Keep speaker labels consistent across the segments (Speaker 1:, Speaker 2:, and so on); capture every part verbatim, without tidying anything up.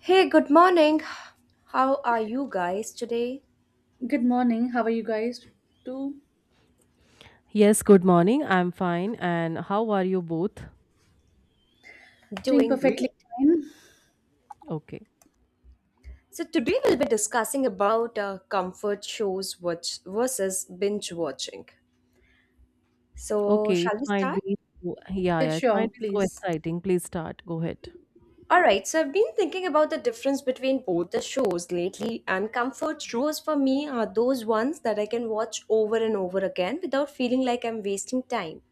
Speaker 1: Hey, good morning. How are you guys today?
Speaker 2: Good morning. How are you guys? Too
Speaker 3: Yes, good morning. I'm fine. And how are you both?
Speaker 2: doing
Speaker 1: Doing
Speaker 2: perfectly
Speaker 1: great.
Speaker 2: fine.
Speaker 3: Okay.
Speaker 1: So today we'll be discussing about uh, comfort shows watch versus binge watching. So
Speaker 3: Okay, it
Speaker 1: shall we
Speaker 3: might
Speaker 1: start?
Speaker 3: be so- yeah,
Speaker 2: Yeah,
Speaker 3: yeah, it might
Speaker 2: sure,
Speaker 3: be so
Speaker 2: please.
Speaker 3: exciting. Please start. Go ahead.
Speaker 1: All right. So I've been thinking about the difference between both the shows lately, and comfort shows for me are those ones that I can watch over and over again without feeling like I'm wasting time.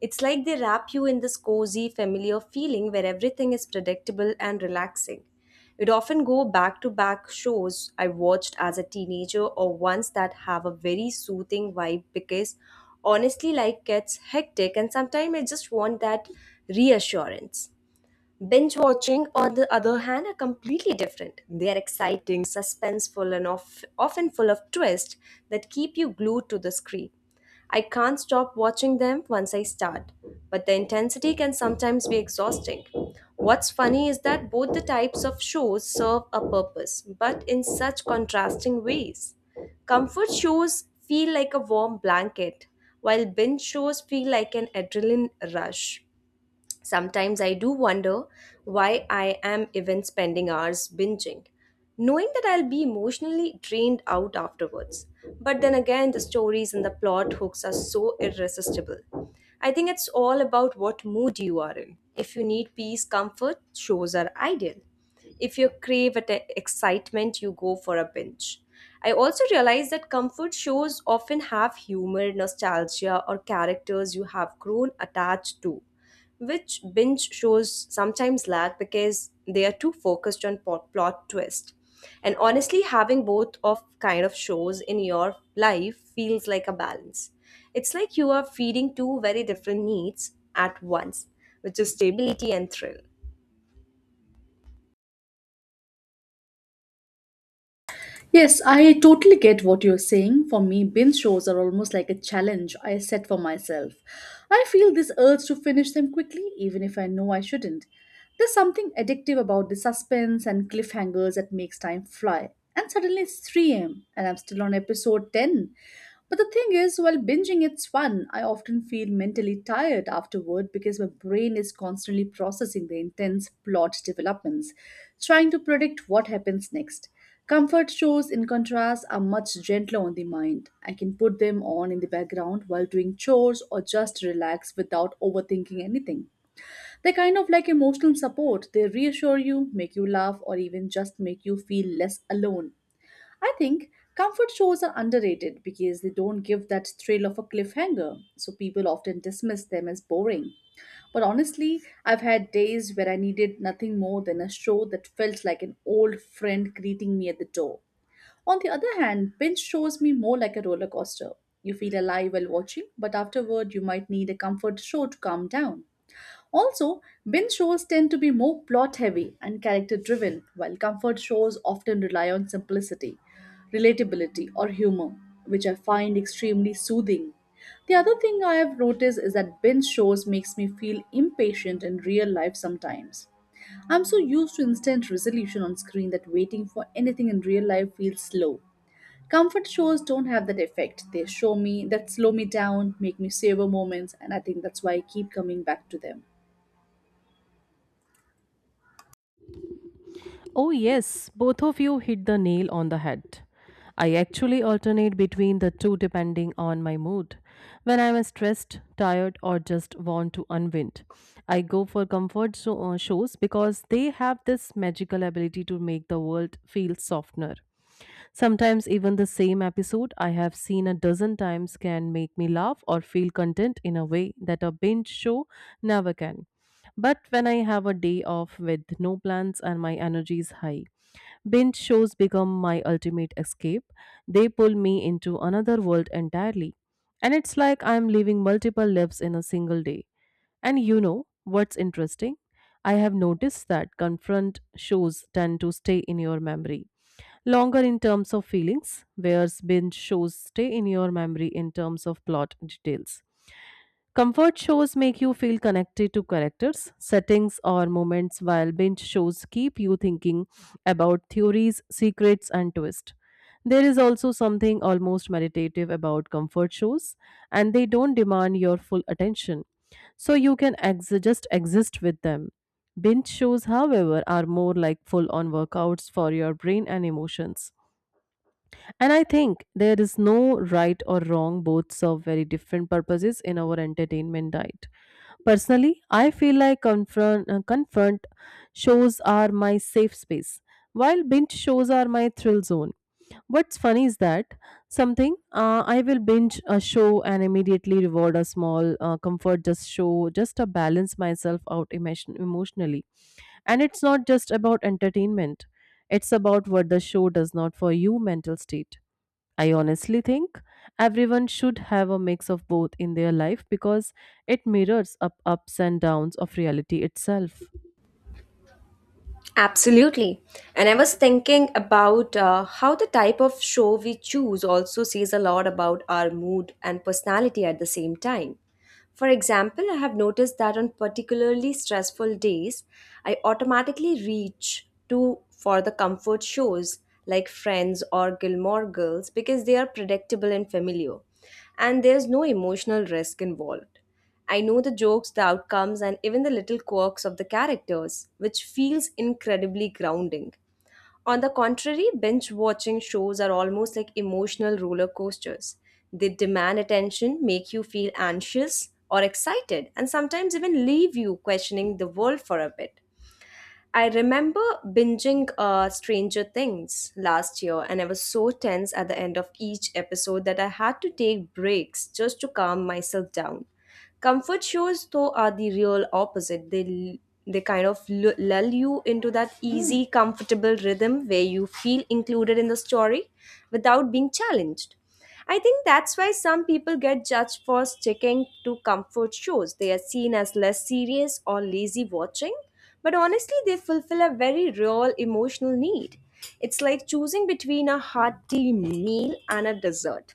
Speaker 1: It's like they wrap you in this cozy, familiar feeling where everything is predictable and relaxing. It often go back to back shows I watched as a teenager or ones that have a very soothing vibe because honestly life gets hectic and sometimes I just want that reassurance. Binge watching, on the other hand, are completely different. They are exciting, suspenseful, and of, often full of twists that keep you glued to the screen. I can't stop watching them once I start, but the intensity can sometimes be exhausting. What's funny is that both the types of shows serve a purpose, but in such contrasting ways. Comfort shows feel like a warm blanket, while binge shows feel like an adrenaline rush. Sometimes I do wonder why I am even spending hours binging, knowing that I'll be emotionally drained out afterwards. But then again, the stories and the plot hooks are so irresistible. I think it's all about what mood you are in. If you need peace, comfort, shows are ideal. If you crave at excitement, you go for a binge. I also realize that comfort shows often have humor, nostalgia, or characters you have grown attached to, which binge shows sometimes lack because they are too focused on pot- plot twist. And honestly, having both of kind of shows in your life feels like a balance. It's like you are feeding two very different needs at once, which is stability and thrill.
Speaker 2: Yes, I totally get what you're saying. For me, binge shows are almost like a challenge I set for myself. I feel this urge to finish them quickly, even if I know I shouldn't. There's something addictive about the suspense and cliffhangers that makes time fly. And suddenly it's three a m and I'm still on episode ten. But the thing is, while binging it's fun, I often feel mentally tired afterward because my brain is constantly processing the intense plot developments, trying to predict what happens next. Comfort shows, in contrast, are much gentler on the mind. I can put them on in the background while doing chores or just relax without overthinking anything. They're kind of like emotional support. They reassure you, make you laugh, or even just make you feel less alone. I think comfort shows are underrated because they don't give that thrill of a cliffhanger, so people often dismiss them as boring. But honestly, I've had days where I needed nothing more than a show that felt like an old friend greeting me at the door. On the other hand, binge shows me more like a roller coaster. You feel alive while watching, but afterward you might need a comfort show to calm down. Also, binge shows tend to be more plot heavy and character driven, while comfort shows often rely on simplicity, relatability, or humor, which I find extremely soothing. The other thing I have noticed is that binge shows makes me feel impatient in real life sometimes. I'm so used to instant resolution on screen that waiting for anything in real life feels slow. Comfort shows don't have that effect. They show me that slow me down, make me savor moments, and I think that's why I keep coming back to them.
Speaker 3: Oh yes, both of you hit the nail on the head. I actually alternate between the two depending on my mood. When I'm stressed, tired, or just want to unwind, I go for comfort zo- uh, shows because they have this magical ability to make the world feel softener. Sometimes even the same episode I have seen a dozen times can make me laugh or feel content in a way that a binge show never can. But when I have a day off with no plans and my energy is high, binge shows become my ultimate escape. They pull me into another world entirely. And it's like I'm living multiple lives in a single day. And you know what's interesting? I have noticed that confront shows tend to stay in your memory longer in terms of feelings, whereas binge shows stay in your memory in terms of plot details. Comfort shows make you feel connected to characters, settings, or moments, while binge shows keep you thinking about theories, secrets, and twists. There is also something almost meditative about comfort shows, and they don't demand your full attention, so you can ex- just exist with them. Binge shows, however, are more like full on workouts for your brain and emotions. And I think there is no right or wrong, both serve very different purposes in our entertainment diet. Personally, I feel like confront, uh, confront shows are my safe space, while binge shows are my thrill zone. What's funny is that something uh, I will binge a show and immediately reward a small uh, comfort just show just to balance myself out emotion- emotionally. And it's not just about entertainment; it's about what the show does not for you mental state. I honestly think everyone should have a mix of both in their life because it mirrors up ups and downs of reality itself.
Speaker 1: Absolutely. And I was thinking about uh, how the type of show we choose also says a lot about our mood and personality at the same time. For example, I have noticed that on particularly stressful days, I automatically reach to for the comfort shows like Friends or Gilmore Girls because they are predictable and familiar, and there's no emotional risk involved. I know the jokes, the outcomes, and even the little quirks of the characters, which feels incredibly grounding. On the contrary, binge watching shows are almost like emotional roller coasters. They demand attention, make you feel anxious or excited, and sometimes even leave you questioning the world for a bit. I remember binging uh, Stranger Things last year, and I was so tense at the end of each episode that I had to take breaks just to calm myself down. Comfort shows, though, are the real opposite. They they kind of lu- lull you into that easy, comfortable rhythm where you feel included in the story without being challenged. I think that's why some people get judged for sticking to comfort shows. They are seen as less serious or lazy watching, but honestly, they fulfill a very real emotional need. It's like choosing between a hearty meal and a dessert.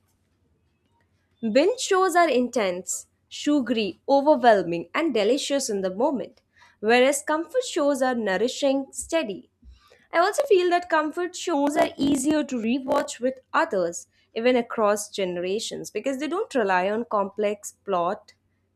Speaker 1: Binge shows are intense, sugary, overwhelming, and delicious in the moment, whereas comfort shows are nourishing, steady. I also feel that comfort shows are easier to rewatch with others, even across generations, because they don't rely on complex plot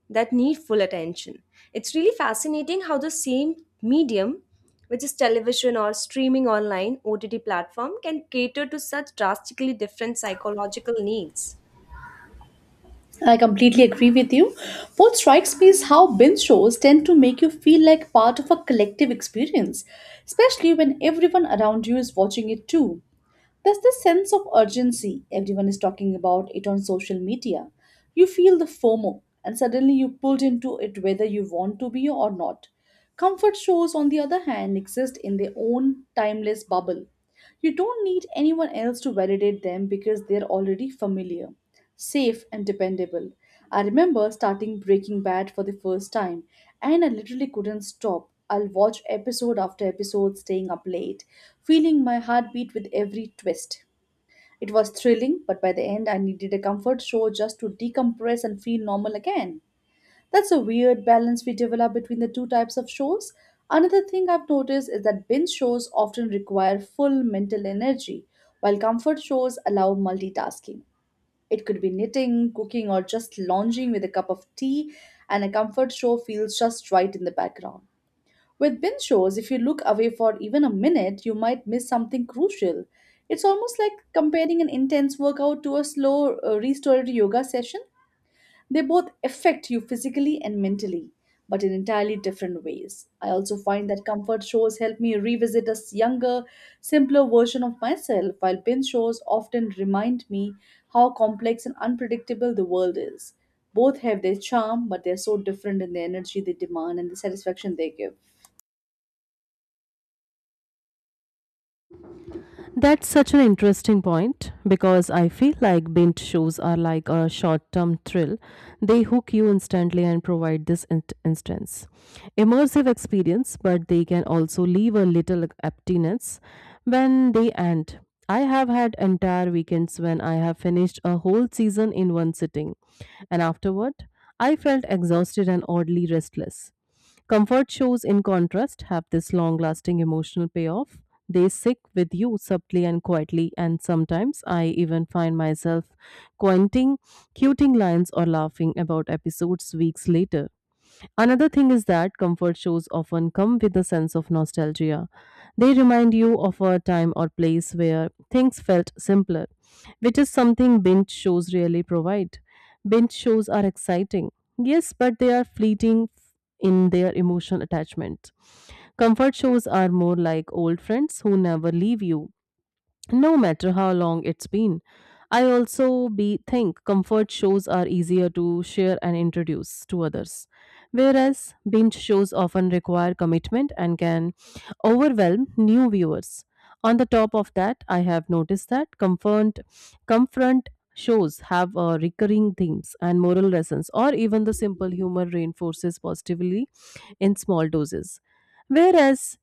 Speaker 1: that need full attention. It's really fascinating how the same medium, which is television or streaming online O T T platform, can cater to such drastically different psychological needs.
Speaker 2: I completely agree with you. What strikes me is how binge shows tend to make you feel like part of a collective experience, especially when everyone around you is watching it too. There's this sense of urgency, everyone is talking about it on social media. You feel the FOMO, and suddenly you're pulled into it whether you want to be or not. Comfort shows, on the other hand, exist in their own timeless bubble. You don't need anyone else to validate them because they're already familiar, safe and dependable. I remember starting Breaking Bad for the first time and I literally couldn't stop. I'll watch episode after episode staying up late, feeling my heartbeat with every twist. It was thrilling, but by the end I needed a comfort show just to decompress and feel normal again. That's a weird balance we develop between the two types of shows. Another thing I've noticed is that binge shows often require full mental energy, while comfort shows allow multitasking. It could be knitting, cooking, or just lounging with a cup of tea, and a comfort show feels just right in the background. With binge shows, if you look away for even a minute, you might miss something crucial. It's almost like comparing an intense workout to a slow, uh, restorative yoga session. They both affect you physically and mentally, but in entirely different ways. I also find that comfort shows help me revisit a s- younger, simpler version of myself, while binge shows often remind me how complex and unpredictable the world is. Both have their charm, but they're so different in the energy they demand and the satisfaction they give.
Speaker 3: That's such an interesting point because I feel like binge shows are like a short term thrill. They hook you instantly and provide this in- instance. Immersive experience, but they can also leave a little emptiness when they end. I have had entire weekends when I have finished a whole season in one sitting, and afterward, I felt exhausted and oddly restless. Comfort shows, in contrast, have this long lasting emotional payoff. They stick with you subtly and quietly, and sometimes I even find myself quoting, quoting lines or laughing about episodes weeks later. Another thing is that comfort shows often come with a sense of nostalgia. They remind you of a time or place where things felt simpler, which is something binge shows rarely provide. Binge shows are exciting, yes, but they are fleeting in their emotional attachment. Comfort shows are more like old friends who never leave you no matter how long it's been. I also be think comfort shows are easier to share and introduce to others, whereas binge shows often require commitment and can overwhelm new viewers. On the top of that, I have noticed that comfort confront shows have uh, recurring themes and moral lessons, or even the simple humor reinforces positively in small doses. Whereas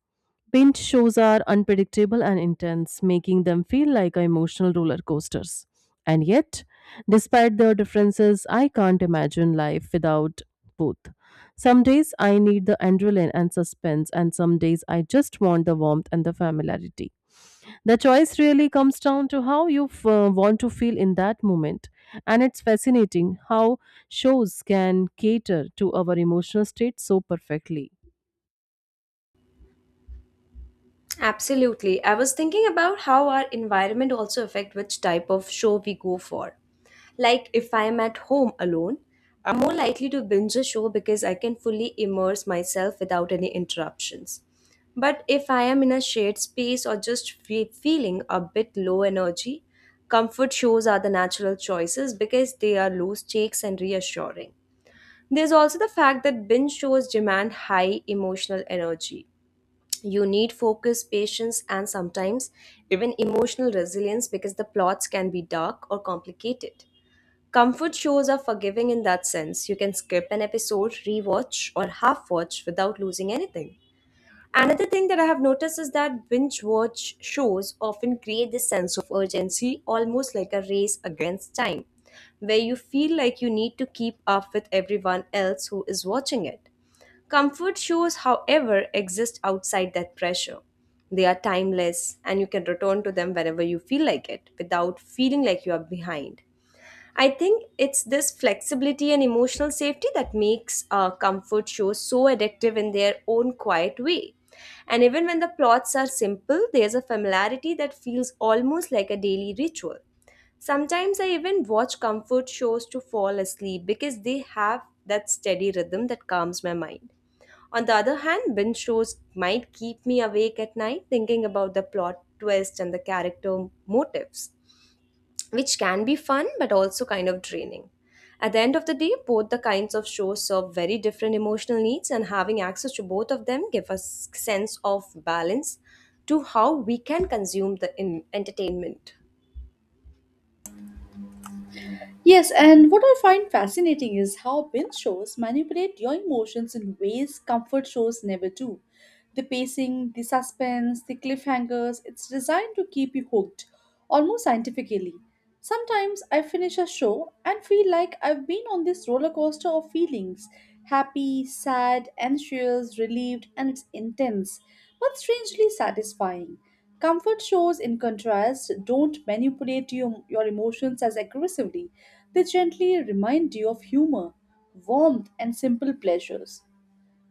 Speaker 3: Paint shows are unpredictable and intense, making them feel like emotional roller coasters. And yet, despite their differences, I can't imagine life without both. Some days I need the adrenaline and suspense, and some days I just want the warmth and the familiarity. The choice really comes down to how you f- uh, want to feel in that moment. And it's fascinating how shows can cater to our emotional state so perfectly.
Speaker 1: Absolutely. I was thinking about how our environment also affect which type of show we go for. Like if I am at home alone, I'm more likely to binge a show because I can fully immerse myself without any interruptions. But if I am in a shared space or just fe- feeling a bit low energy, comfort shows are the natural choices because they are loose stakes and reassuring. There's also the fact that binge shows demand high emotional energy. You need focus, patience, and sometimes even emotional resilience because the plots can be dark or complicated. Comfort shows are forgiving in that sense. You can skip an episode, rewatch, or half watch without losing anything. Another thing that I have noticed is that binge watch shows often create this sense of urgency, almost like a race against time, where you feel like you need to keep up with everyone else who is watching it. Comfort shoes, however, exist outside that pressure. They are timeless and you can return to them whenever you feel like it without feeling like you are behind. I think it's this flexibility and emotional safety that makes uh, comfort shows so addictive in their own quiet way. And even when the plots are simple, there's a familiarity that feels almost like a daily ritual. Sometimes I even watch comfort shows to fall asleep because they have that steady rhythm that calms my mind. On the other hand, binge shows might keep me awake at night thinking about the plot twist and the character motives, which can be fun but also kind of draining. At the end of the day, both the kinds of shows serve very different emotional needs, and having access to both of them give us sense of balance to how we can consume the in- entertainment.
Speaker 2: Yes, and what I find fascinating is how binge shows manipulate your emotions in ways comfort shows never do. The pacing, the suspense, the cliffhangers, it's designed to keep you hooked, almost scientifically. Sometimes I finish a show and feel like I've been on this roller coaster of feelings happy, sad, anxious, relieved, and it's intense, but strangely satisfying. Comfort shows, in contrast, don't manipulate you, your emotions as aggressively. They gently remind you of humor, warmth, and simple pleasures.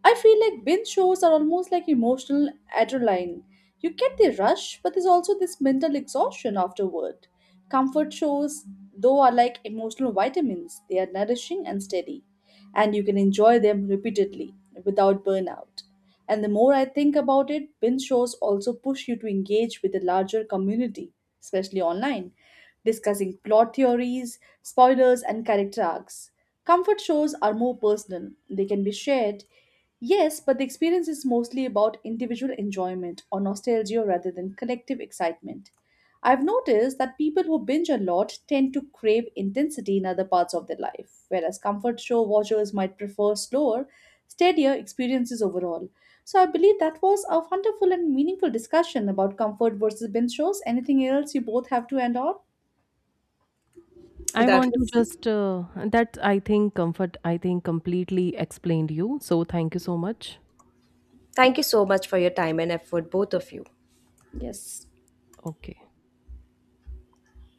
Speaker 2: I feel like binge shows are almost like emotional adrenaline. You get the rush, but there's also this mental exhaustion afterward. Comfort shows, though, are like emotional vitamins. They are nourishing and steady, and you can enjoy them repeatedly without burnout. And the more I think about it, binge shows also push you to engage with a larger community, especially online discussing plot theories, spoilers, and character arcs. Comfort shows are more personal, they can be shared, yes, but the experience is mostly about individual enjoyment or nostalgia rather than collective excitement. I've noticed that people who binge a lot tend to crave intensity in other parts of their life, whereas comfort show watchers might prefer slower, steadier experiences overall. So I believe that was a wonderful and meaningful discussion about comfort versus binge shows. Anything else you both have to end on?
Speaker 3: I
Speaker 1: That
Speaker 3: want to
Speaker 1: was.
Speaker 3: just uh, that I think comfort I think completely explained you. So thank you so much.
Speaker 1: Thank you so much for your time and effort, both of you.
Speaker 2: Yes.
Speaker 3: Okay.